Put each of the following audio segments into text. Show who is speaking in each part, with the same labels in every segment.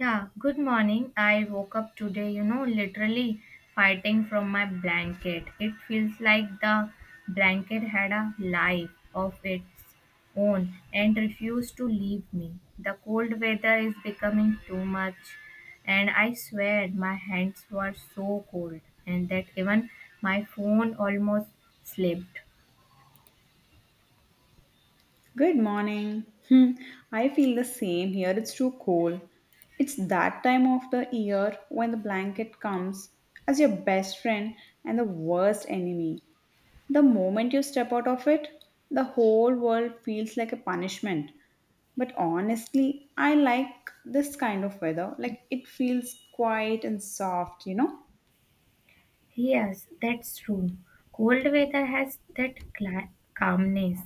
Speaker 1: Yeah, good morning. I woke up today, literally fighting from my blanket. It feels like the blanket had a life of its own and refused to leave me. The cold weather is becoming too much, and I swear my hands were so cold and that even my phone almost slipped.
Speaker 2: Good morning. I feel the same here. It's too cold. It's that time of the year when the blanket comes as your best friend and the worst enemy. The moment you step out of it, the whole world feels like a punishment. But honestly, I like this kind of weather. Like it feels quiet and soft, you know?
Speaker 1: Yes, that's true. Cold weather has that calmness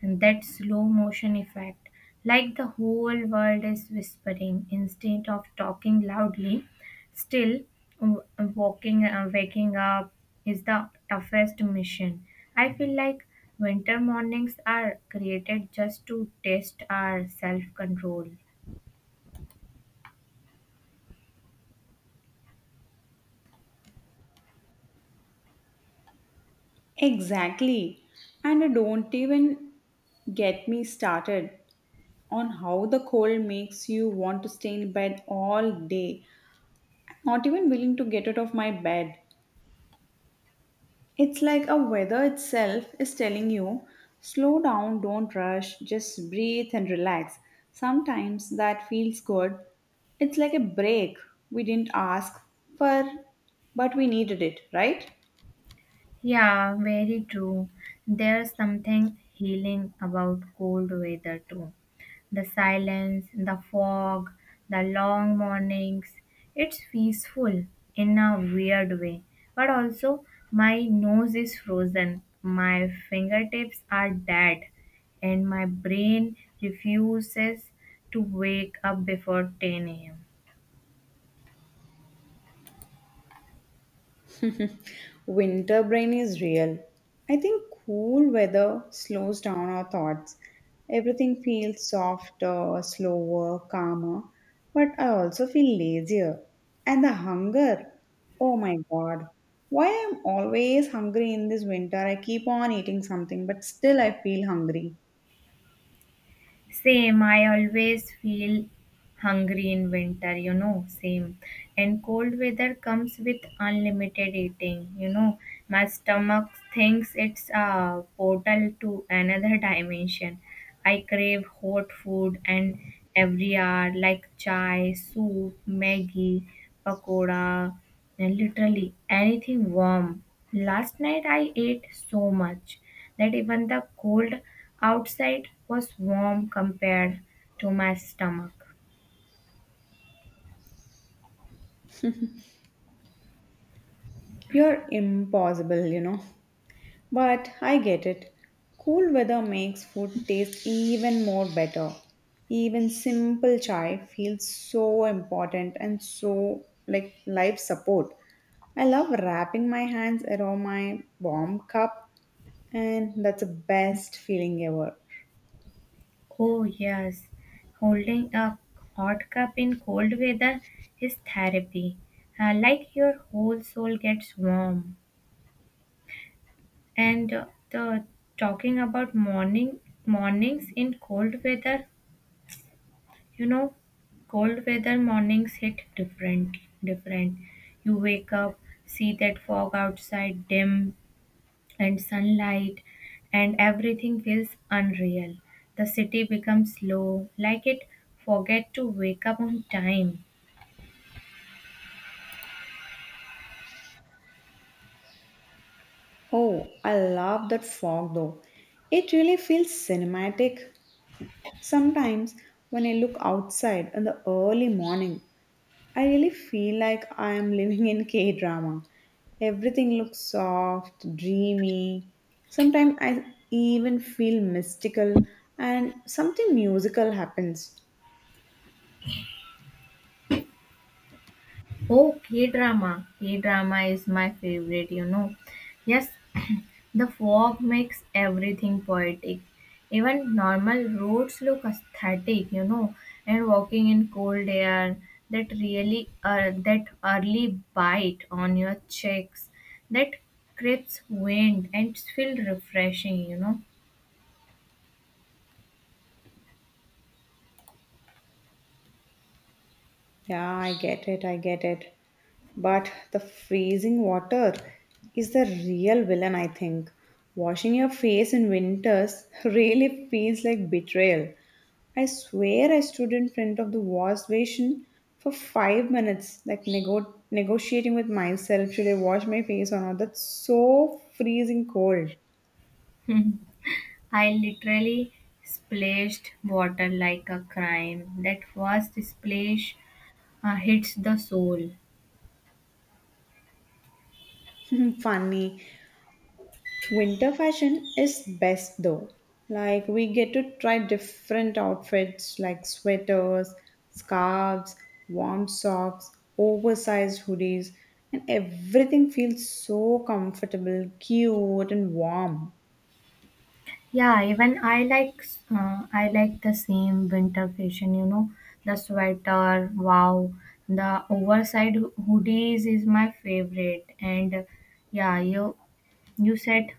Speaker 1: and that slow motion effect, like the whole world is whispering instead of talking loudly. Still, w- walking, waking up is the toughest mission. I feel like winter mornings are created just to test our self control.
Speaker 2: Exactly. And don't even get me started on how the cold makes you want to stay in bed all day. Not even willing to get out of my bed. It's like a weather itself is telling you, slow down, don't rush, just breathe and relax. Sometimes that feels good. It's like a break we didn't ask for, but we needed it, right?
Speaker 1: Yeah, very true. There's something healing about cold weather too. The silence, the fog, the long mornings. It's peaceful in a weird way. But also, my nose is frozen, my fingertips are dead, and my brain refuses to wake up before 10 a.m.
Speaker 2: Winter brain is real. I think cool weather slows down our thoughts. Everything feels softer, slower, calmer, but I also feel lazier. And the hunger. Oh my god. Why I'm always hungry in this winter? I keep on eating something, but still I feel hungry.
Speaker 1: Same, I always feel hungry in winter, you know, same, and cold weather comes with unlimited eating, you know, my stomach thinks it's a portal to another dimension. I crave hot food and every hour, like chai, soup, maggie, pakoda, and literally anything warm. Last night I ate so much that even the cold outside was warm compared to my stomach.
Speaker 2: You're impossible, you know. But I get it. Cool weather makes food taste even more better. Even simple chai feels so important and so like life support. I love wrapping my hands around my warm cup and that's the best feeling ever.
Speaker 1: Oh, yes. Holding a hot cup in cold weather is therapy. Like your whole soul gets warm. And the talking about mornings in cold weather, you know, cold weather mornings hit different. You wake up, see that fog outside dim, and sunlight and everything feels unreal. The city becomes slow, like it forget to wake up on time.
Speaker 2: Oh, I love that fog though. It really feels cinematic. Sometimes when I look outside in the early morning, I really feel like I am living in K drama. Everything looks soft, dreamy. Sometimes I even feel mystical and something musical happens.
Speaker 1: Oh, K drama. K drama is my favorite, you know. Yes, the fog makes everything poetic. Even normal roads look aesthetic, you know, and walking in cold air, that early bite on your cheeks, that crisp wind, and it's feel refreshing, you know.
Speaker 2: Yeah, I get it, I get it. But the freezing water is the real villain, I think. Washing your face in winters really feels like betrayal. I swear I stood in front of the wash basin for 5 minutes, like negotiating with myself. Should I wash my face or not? That's so freezing cold.
Speaker 1: I literally splashed water like a crime. That first splash hits the soul.
Speaker 2: Funny. Winter fashion is best though. Like we get to try different outfits like sweaters, scarves, warm socks, oversized hoodies, and everything feels so comfortable, cute, and warm.
Speaker 1: Yeah, even I like the same winter fashion, you know, the sweater, wow, the oversized hoodies is my favorite, and yeah, you said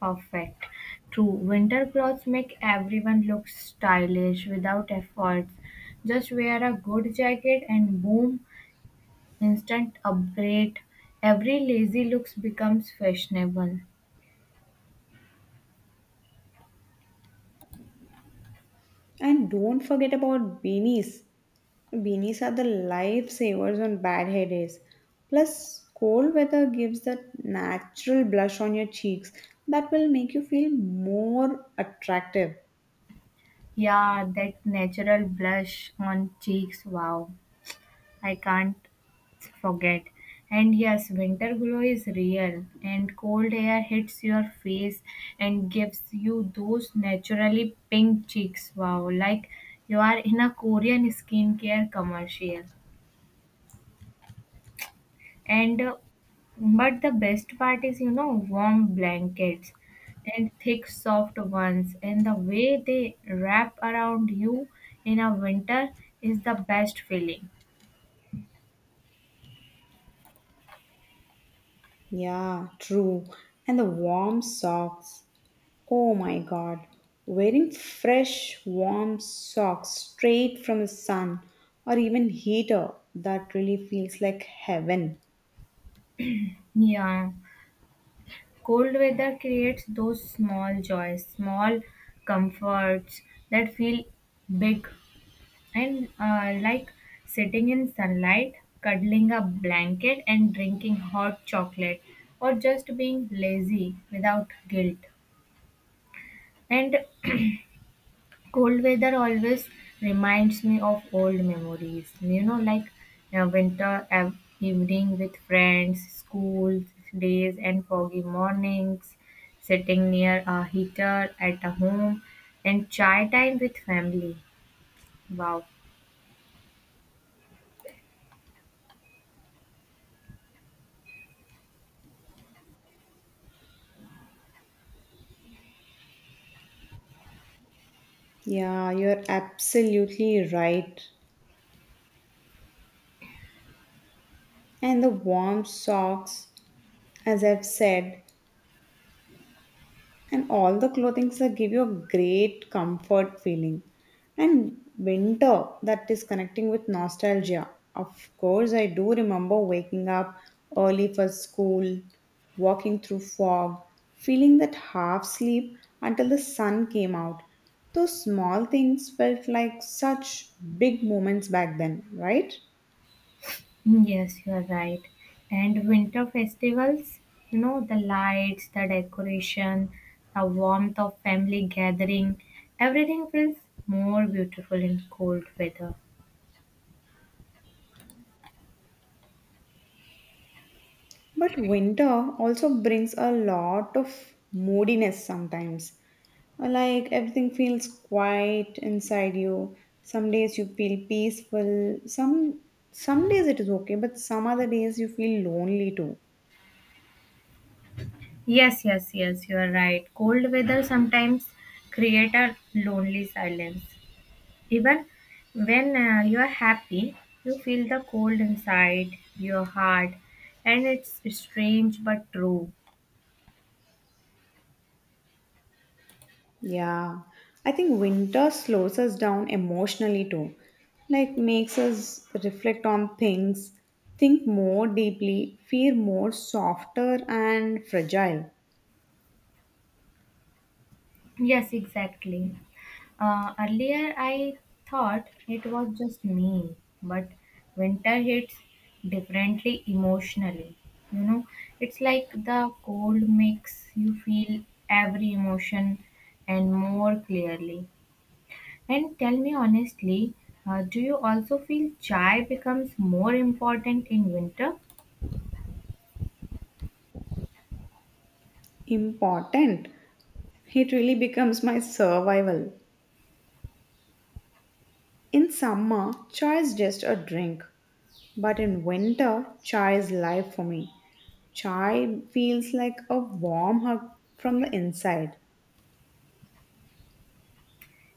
Speaker 1: perfect. True, winter clothes make everyone look stylish without efforts. Just wear a good jacket and boom, instant upgrade. Every lazy looks becomes fashionable.
Speaker 2: And don't forget about beanies. Beanies are the lifesavers on bad hair days. Plus, cold weather gives that natural blush on your cheeks that will make you feel more attractive.
Speaker 1: Yeah, that natural blush on cheeks, wow. I can't forget. And yes, winter glow is real, and cold air hits your face and gives you those naturally pink cheeks, wow. Like you are in a Korean skincare commercial. And but the best part is, you know, warm blankets and thick soft ones, and the way they wrap around you in a winter is the best feeling.
Speaker 2: Yeah, true. And the warm socks. Oh my god. Wearing fresh, warm socks straight from the sun or even heater, that really feels like heaven.
Speaker 1: Yeah, cold weather creates those small joys, small comforts that feel big. And like sitting in sunlight, cuddling a blanket and drinking hot chocolate, or just being lazy without guilt. And cold weather always reminds me of old memories. You know, like a winter evening with friends, school days, and foggy mornings, sitting near a heater at a home, and chai time with family. Wow.
Speaker 2: Yeah, you're absolutely right. And the warm socks as I've said, and all the clothing that give you a great comfort feeling. And winter that is connecting with nostalgia. Of course, I do remember waking up early for school, walking through fog, feeling that half sleep until the sun came out. Those small things felt like such big moments back then, right?
Speaker 1: Yes, you are right. And winter festivals, you know, the lights, the decoration, the warmth of family gathering, everything feels more beautiful in cold weather.
Speaker 2: But winter also brings a lot of moodiness sometimes. Like everything feels quiet inside you. Some days you feel peaceful. Some days it is okay, but some other days you feel lonely too.
Speaker 1: Yes, yes, yes, you are right. Cold weather sometimes create a lonely silence. Even when you are happy, you feel the cold inside your heart, and it's strange but true.
Speaker 2: Yeah. I think winter slows us down emotionally too. Like makes us reflect on things, think more deeply, feel more softer and fragile.
Speaker 1: Yes, exactly. Earlier, I thought it was just me, but winter hits differently emotionally. You know, it's like the cold makes you feel every emotion and more clearly. And tell me honestly, do you also feel chai becomes more important in winter?
Speaker 2: Important. It really becomes my survival. In summer, chai is just a drink, but in winter, chai is life for me. Chai feels like a warm hug from the inside.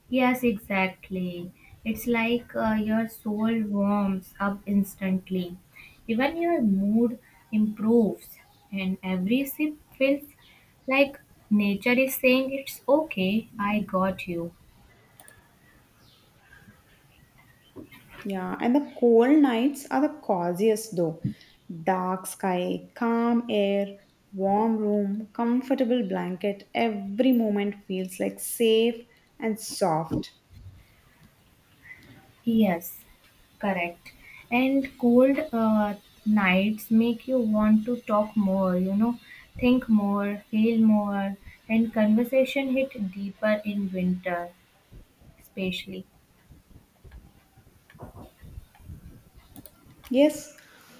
Speaker 1: Yes, exactly. It's like your soul warms up instantly. Even your mood improves, and every sip feels like nature is saying, It's okay, I got you.
Speaker 2: Yeah, and the cold nights are the coziest though. Dark sky, calm air, warm room, comfortable blanket. Every moment feels like safe and soft.
Speaker 1: Yes, correct. And cold nights make you want to talk more, you know, think more, feel more, and conversation hit deeper in winter, especially.
Speaker 2: Yes,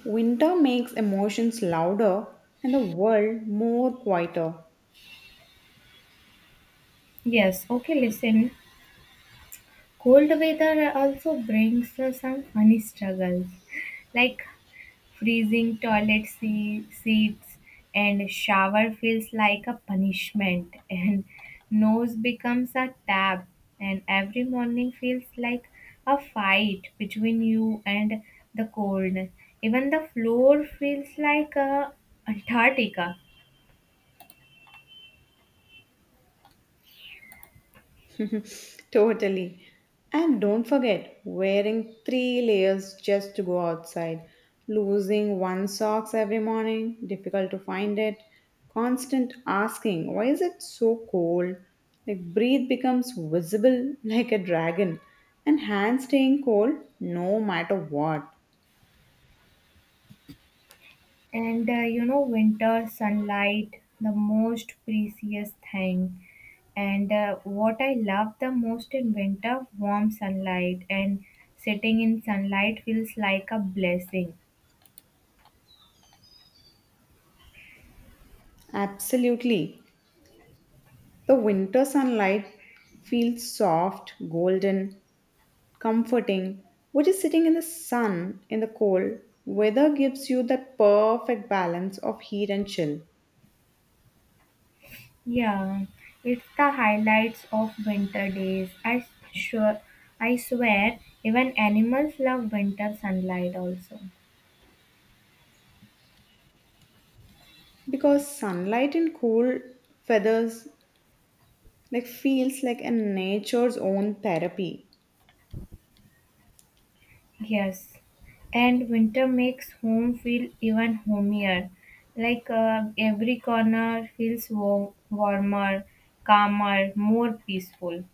Speaker 2: winter makes emotions louder and the world more quieter.
Speaker 1: Yes, okay, listen. Cold weather also brings some funny struggles, like freezing toilet seats, and shower feels like a punishment, and nose becomes a tab, and every morning feels like a fight between you and the cold. Even the floor feels like a antarctica.
Speaker 2: Totally. And don't forget wearing three layers just to go outside, losing one socks every morning, difficult to find it, constant asking, why is it so cold? Like breathe becomes visible like a dragon and hands staying cold no matter what.
Speaker 1: And you know, winter sunlight, the most precious thing. And what I love the most in winter, warm sunlight. And sitting in sunlight feels like a blessing.
Speaker 2: Absolutely. The winter sunlight feels soft, golden, comforting. Which is sitting in the sun in the cold weather gives you that perfect balance of heat and chill.
Speaker 1: Yeah, it's the highlights of winter days. I sure, I swear, even animals love winter sunlight also.
Speaker 2: Because sunlight in cool feathers like feels like a nature's own therapy.
Speaker 1: Yes, and winter makes home feel even homier. Like every corner feels warm, warmer, calmer, more peaceful.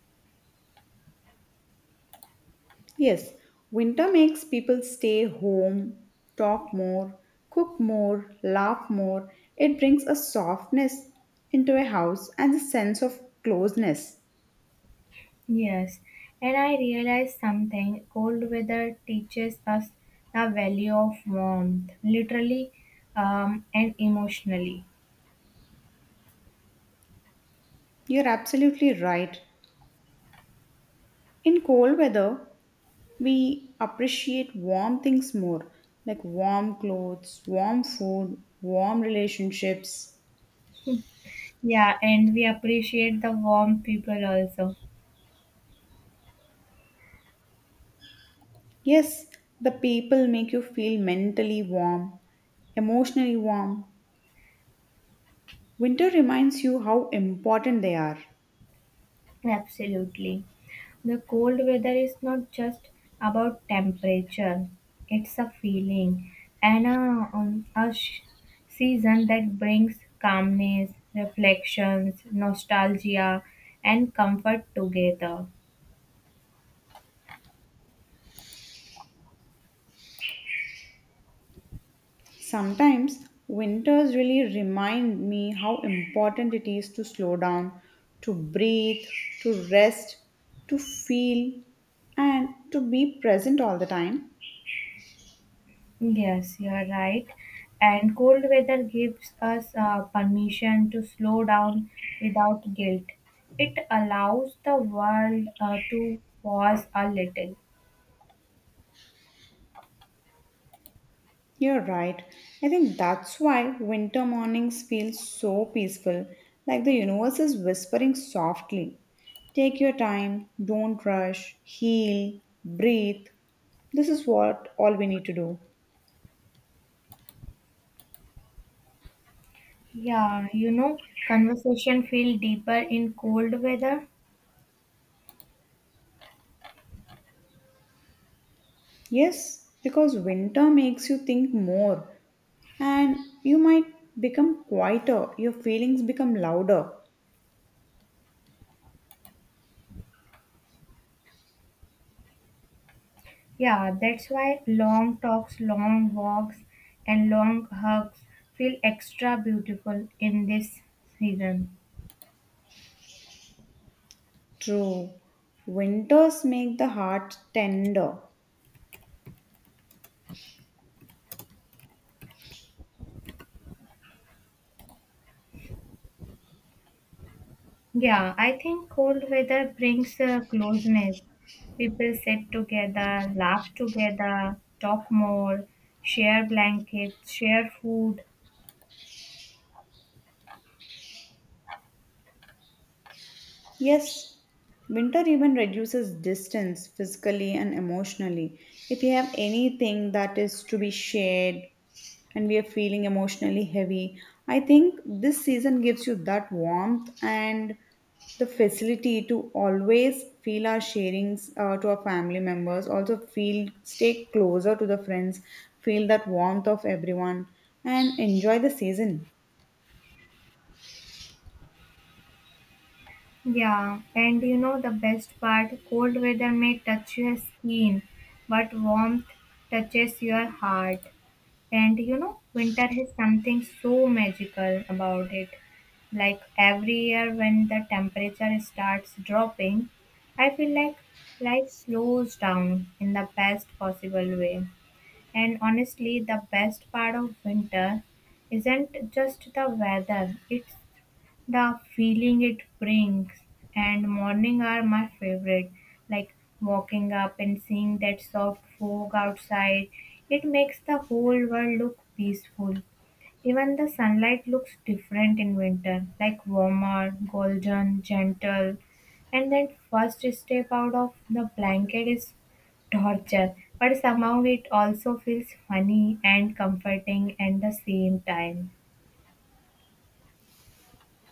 Speaker 2: Yes, winter makes people stay home, talk more, cook more, laugh more. It brings a softness into a house and a sense of closeness.
Speaker 1: Yes, and I realized something. Cold weather teaches us the value of warmth, literally, and emotionally.
Speaker 2: You're absolutely right. In cold weather, we appreciate warm things more, like warm clothes, warm food, warm relationships.
Speaker 1: Yeah, and we appreciate the warm people also.
Speaker 2: Yes, the people make you feel mentally warm, emotionally warm. Winter reminds you how important they are.
Speaker 1: Absolutely. The cold weather is not just about temperature, it's a feeling and a season that brings calmness, reflections, nostalgia, and comfort together.
Speaker 2: Sometimes winters really remind me how important it is to slow down, to breathe, to rest, to feel, and to be present all the time.
Speaker 1: Yes, you are right. And cold weather gives us permission to slow down without guilt. It allows the world to pause a little.
Speaker 2: You're right. I think that's why winter mornings feel so peaceful, like the universe is whispering softly. Take your time, don't rush, heal, breathe. This is what all we need to do.
Speaker 1: Yeah, you know, conversation feel deeper in cold weather.
Speaker 2: Yes, because winter makes you think more. And you might become quieter, your feelings become louder.
Speaker 1: Yeah, that's why long talks, long walks, and long hugs feel extra beautiful in this season.
Speaker 2: True. Winters make the heart tender.
Speaker 1: Yeah, I think cold weather brings closeness. People sit together, laugh together, talk more, share blankets, share food.
Speaker 2: Yes, winter even reduces distance physically and emotionally. If you have anything that is to be shared and we are feeling emotionally heavy, I think this season gives you that warmth and the facility to always feel our sharings to our family members, also feel stay closer to the friends, feel that warmth of everyone, and enjoy the season.
Speaker 1: Yeah, and you know the best part? Cold weather may touch your skin, but warmth touches your heart. And you know, winter has something so magical about it. Like every year when the temperature starts dropping, I feel like life slows down in the best possible way. And honestly, the best part of winter isn't just the weather, it's the feeling it brings. And morning are my favorite, like walking up and seeing that soft fog outside. It makes the whole world look peaceful. Even the sunlight looks different in winter, like warmer, golden, gentle. And that first step out of the blanket is torture, but somehow it also feels funny and comforting at the same time.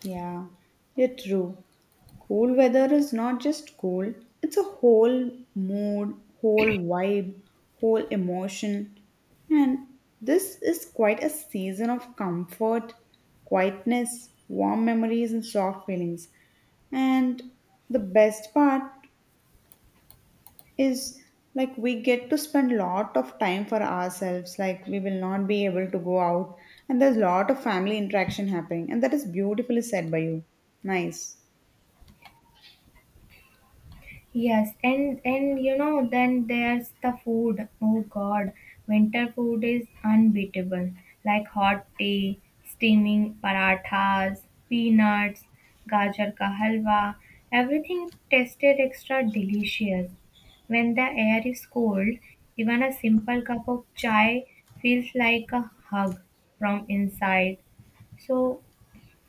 Speaker 2: Yeah, you're true. Cool weather is not just cool, it's a whole mood, whole vibe, whole emotion. And this is quite a season of comfort, quietness, warm memories, and soft feelings. And the best part is like we get to spend lot of time for ourselves like we will not be able to go out and there's lot of family interaction happening and that is beautifully said by you nice.
Speaker 1: Yes, and you know, then there's the food. Oh God, winter food is unbeatable. Like hot tea, steaming parathas, peanuts, gajar ka halwa. Everything tasted extra delicious. When the air is cold, even a simple cup of chai feels like a hug from inside. So,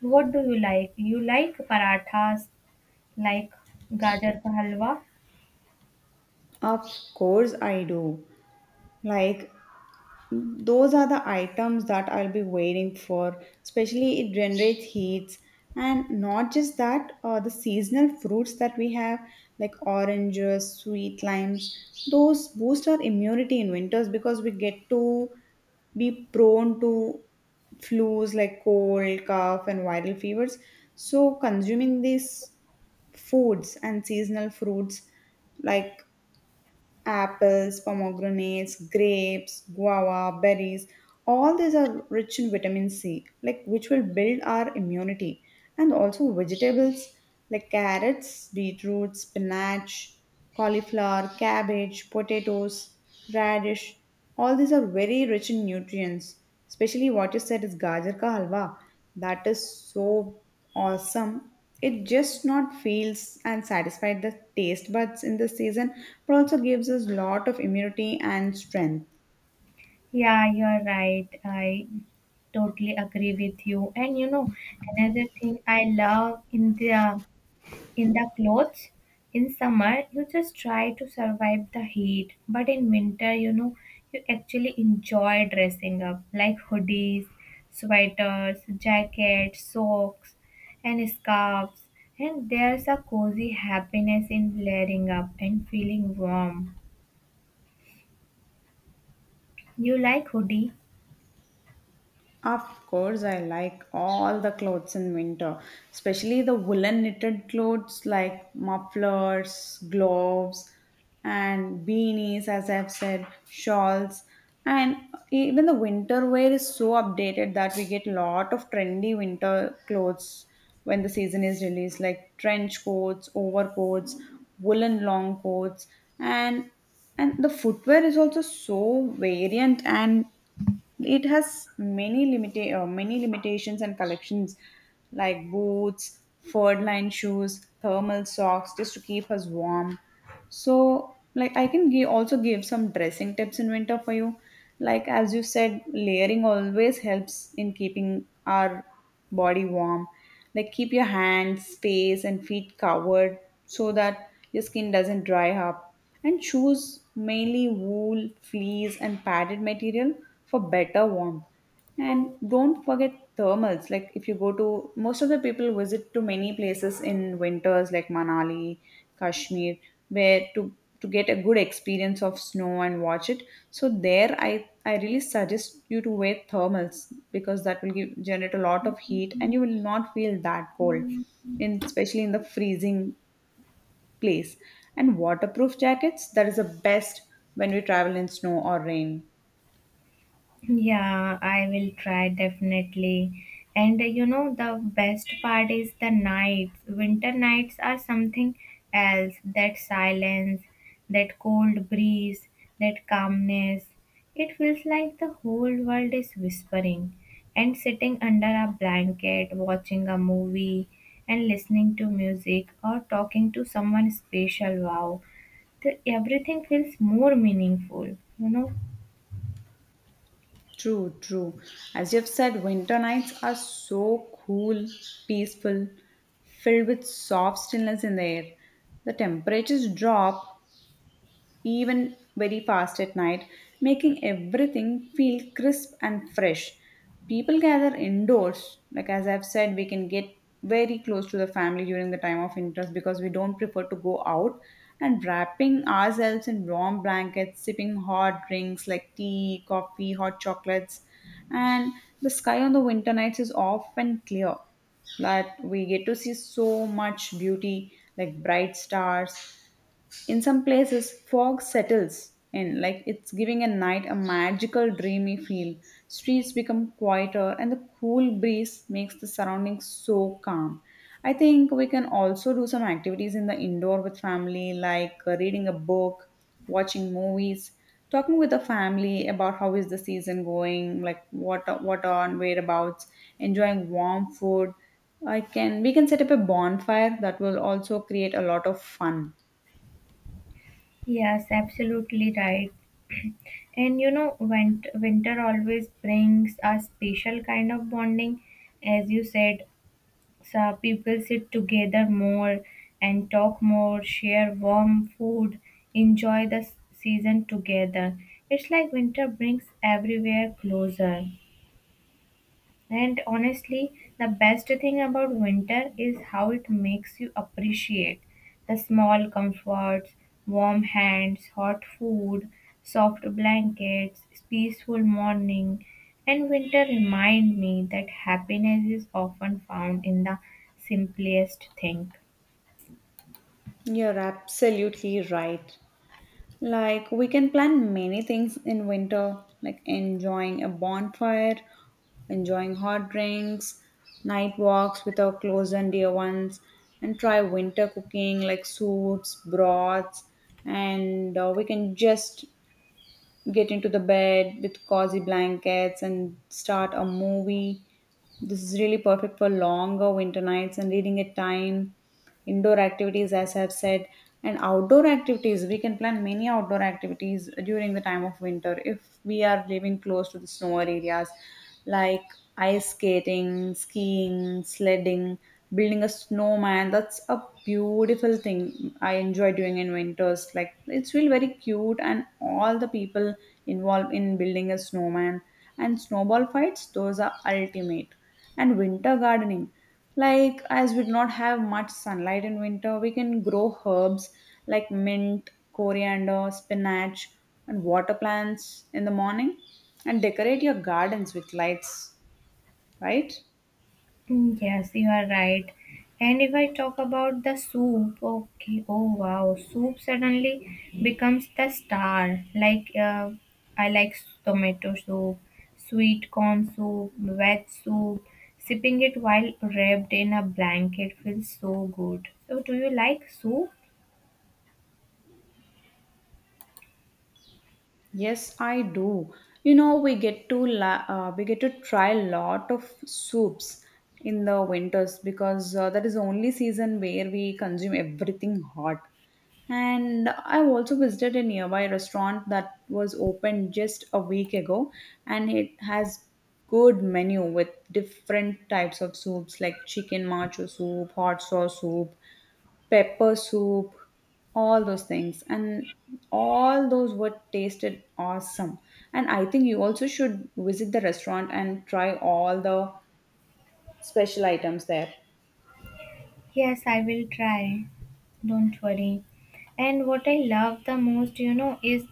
Speaker 1: what do you like? You like parathas, like gajar ka halwa?
Speaker 2: Of course I do like those are the items that I'll be waiting for. Especially, it generates heats, and not just that, the seasonal fruits that we have, like oranges, sweet limes, those boost our immunity in winters because we get to be prone to flus like cold, cough, and viral fevers. So, consuming these foods and seasonal fruits like Apples, pomegranates, grapes, guava, berries, all these are rich in vitamin C, like which will build our immunity. And also vegetables like carrots, beetroot, spinach, cauliflower, cabbage, potatoes, radish, all these are very rich in nutrients. Especially what you said is gajar ka halwa. That is so awesome it just not feels and satisfies the taste buds in the season, but also gives us lot of immunity and strength.
Speaker 1: Yeah, you're right. I totally agree with you. And you know, another thing I love in the clothes, in summer, you just try to survive the heat. But in winter, you know, you actually enjoy dressing up, like hoodies, sweaters, jackets, socks, and scarves. And there's a cozy happiness in layering up and feeling warm. You like hoodie?
Speaker 2: Of course, I like all the clothes in winter, especially the woolen knitted clothes like mufflers, gloves, and beanies, as I've said, shawls. And even the winter wear is so updated that we get a lot of trendy winter clothes when the season is released, like trench coats, overcoats, woolen long coats, and and the footwear is also so variant and it has many many limitations and collections like boots, furred lined shoes, thermal socks just to keep us warm. So, like, I can give, also give some dressing tips in winter for you. Like, as you said, layering always helps in keeping our body warm. Like, keep your hands, face, and feet covered so that your skin doesn't dry up. And choose mainly wool, fleece, and padded material for better warmth. And don't forget thermals. Like if you go to most of the people visit to many places in winters like Manali, Kashmir, where to get a good experience of snow and watch it. So there I really suggest you to wear thermals because that will give generate a lot of heat and you will not feel that cold in especially in the freezing place. And waterproof jackets, that is the best when we travel in snow or rain.
Speaker 1: Yeah, I will try definitely. And you know, the best part is the nights. Winter nights are something else. That silence, that cold breeze, that calmness. It feels like the whole world is whispering. And sitting under a blanket, watching a movie, and listening to music or talking to someone special. Wow, everything feels more meaningful, you know.
Speaker 2: True, true. As you've said, winter nights are so cool, peaceful, filled with soft stillness in the air. The temperatures drop, even very fast at night, making everything feel crisp and fresh. People gather indoors, like as I've said, we can get very close to the family during the time of interest because we don't prefer to go out. And wrapping ourselves in warm blankets, sipping hot drinks like tea, coffee, hot chocolates, and the sky on the winter nights is often clear that we get to see so much beauty like bright stars in some places, fog settles in, like it's giving a night a magical, dreamy feel. Streets become quieter, and the cool breeze makes the surroundings so calm. I think we can also do some activities in the indoor with family, like reading a book, watching movies, talking with the family about how is the season going, like what on whereabouts, enjoying warm food. I can we can set up a bonfire that will also create a lot of fun.
Speaker 1: Yes, absolutely right. And you know, winter always brings a special kind of bonding. As you said, so people sit together more and talk more, share warm food, enjoy the season together. It's like winter brings everywhere closer. And honestly, the best thing about winter is how it makes you appreciate the small comforts, warm hands, hot food, soft blankets, peaceful morning. And winter remind me that happiness is often found in the simplest thing.
Speaker 2: You're absolutely right. Like, we can plan many things in winter, like enjoying a bonfire, enjoying hot drinks, night walks with our close and dear ones, and try winter cooking like soups, broths, and we can just get into the bed with cozy blankets and start a movie. This is really perfect for longer winter nights and reading at time. Indoor activities, as I've said, and outdoor activities. We can plan many outdoor activities during the time of winter if we are living close to the snow areas like ice skating, skiing, sledding, building a snowman. That's a beautiful thing I enjoy doing in winters. Like it's really very cute, and all the people involved in building a snowman and snowball fights, those are ultimate and winter gardening like as we do not have much sunlight in winter we can grow herbs like mint coriander spinach and water plants in the morning and decorate your gardens with lights right.
Speaker 1: Mm, yes, you are right. And if I talk about the soup, okay, oh wow, soup suddenly becomes the star. Like, I like tomato soup, sweet corn soup, veg soup. Sipping it while wrapped in a blanket feels so good. So, do you like soup?
Speaker 2: Yes, I do. You know, we get to we get to try a lot of soups in the winters because that is the only season where we consume everything hot. And I also visited a nearby restaurant that was opened just a week ago, and it has good menu with different types of soups like chicken macho soup, hot sauce soup, pepper soup, all those things. And all those were tasted awesome. And I think you also should visit the restaurant and try all the special items there.
Speaker 1: Yes, I will try. Don't worry. And what I love the most, you know, is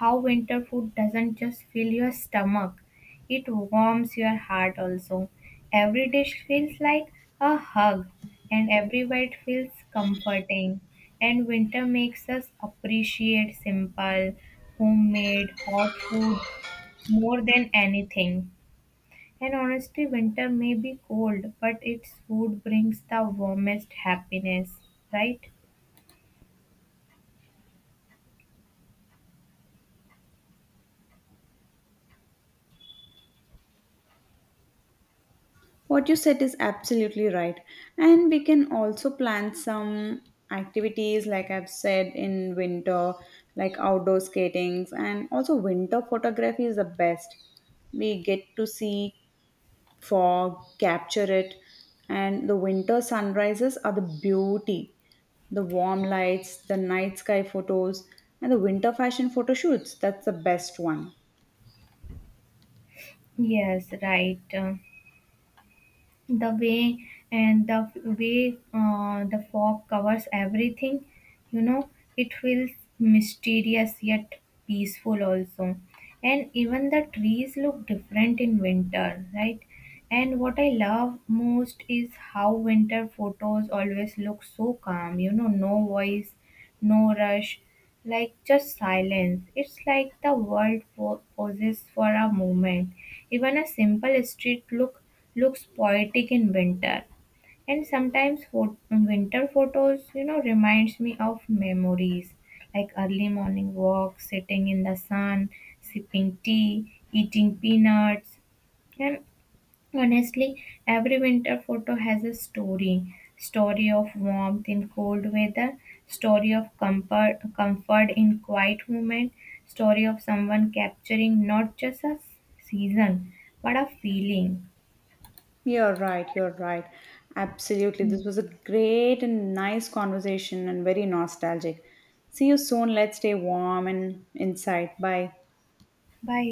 Speaker 1: how winter food doesn't just fill your stomach, it warms your heart also. Every dish feels like a hug, and every bite feels comforting. And winter makes us appreciate simple, homemade, hot food more than anything. And honestly, winter may be cold, but its food brings the warmest happiness, right?
Speaker 2: What you said is absolutely right. And we can also plan some activities, like I've said, in winter, like outdoor skatings, and also winter photography is the best. We get to see fog capture it and the winter sunrises are the beauty the warm lights the night sky photos and the winter fashion photo shoots that's the best one.
Speaker 1: Yes, right. The way and the way the fog covers everything, you know, it feels mysterious yet peaceful also. And even the trees look different in winter, right? And what I love most is how winter photos always look so calm, you know, no voice, no rush, like just silence. It's like the world poses for a moment. Even a simple street look looks poetic in winter. And sometimes winter photos, you know, reminds me of memories like early morning walks, sitting in the sun, sipping tea, eating peanuts, and honestly, every winter photo has a story. Story of warmth in cold weather, story of comfort, comfort in quiet moment, story of someone capturing not just a season but a feeling.
Speaker 2: You're right, you're right, absolutely
Speaker 1: Mm.
Speaker 2: this was a great and nice conversation and very nostalgic. See you soon, let's stay warm and inside, bye.
Speaker 1: Bye.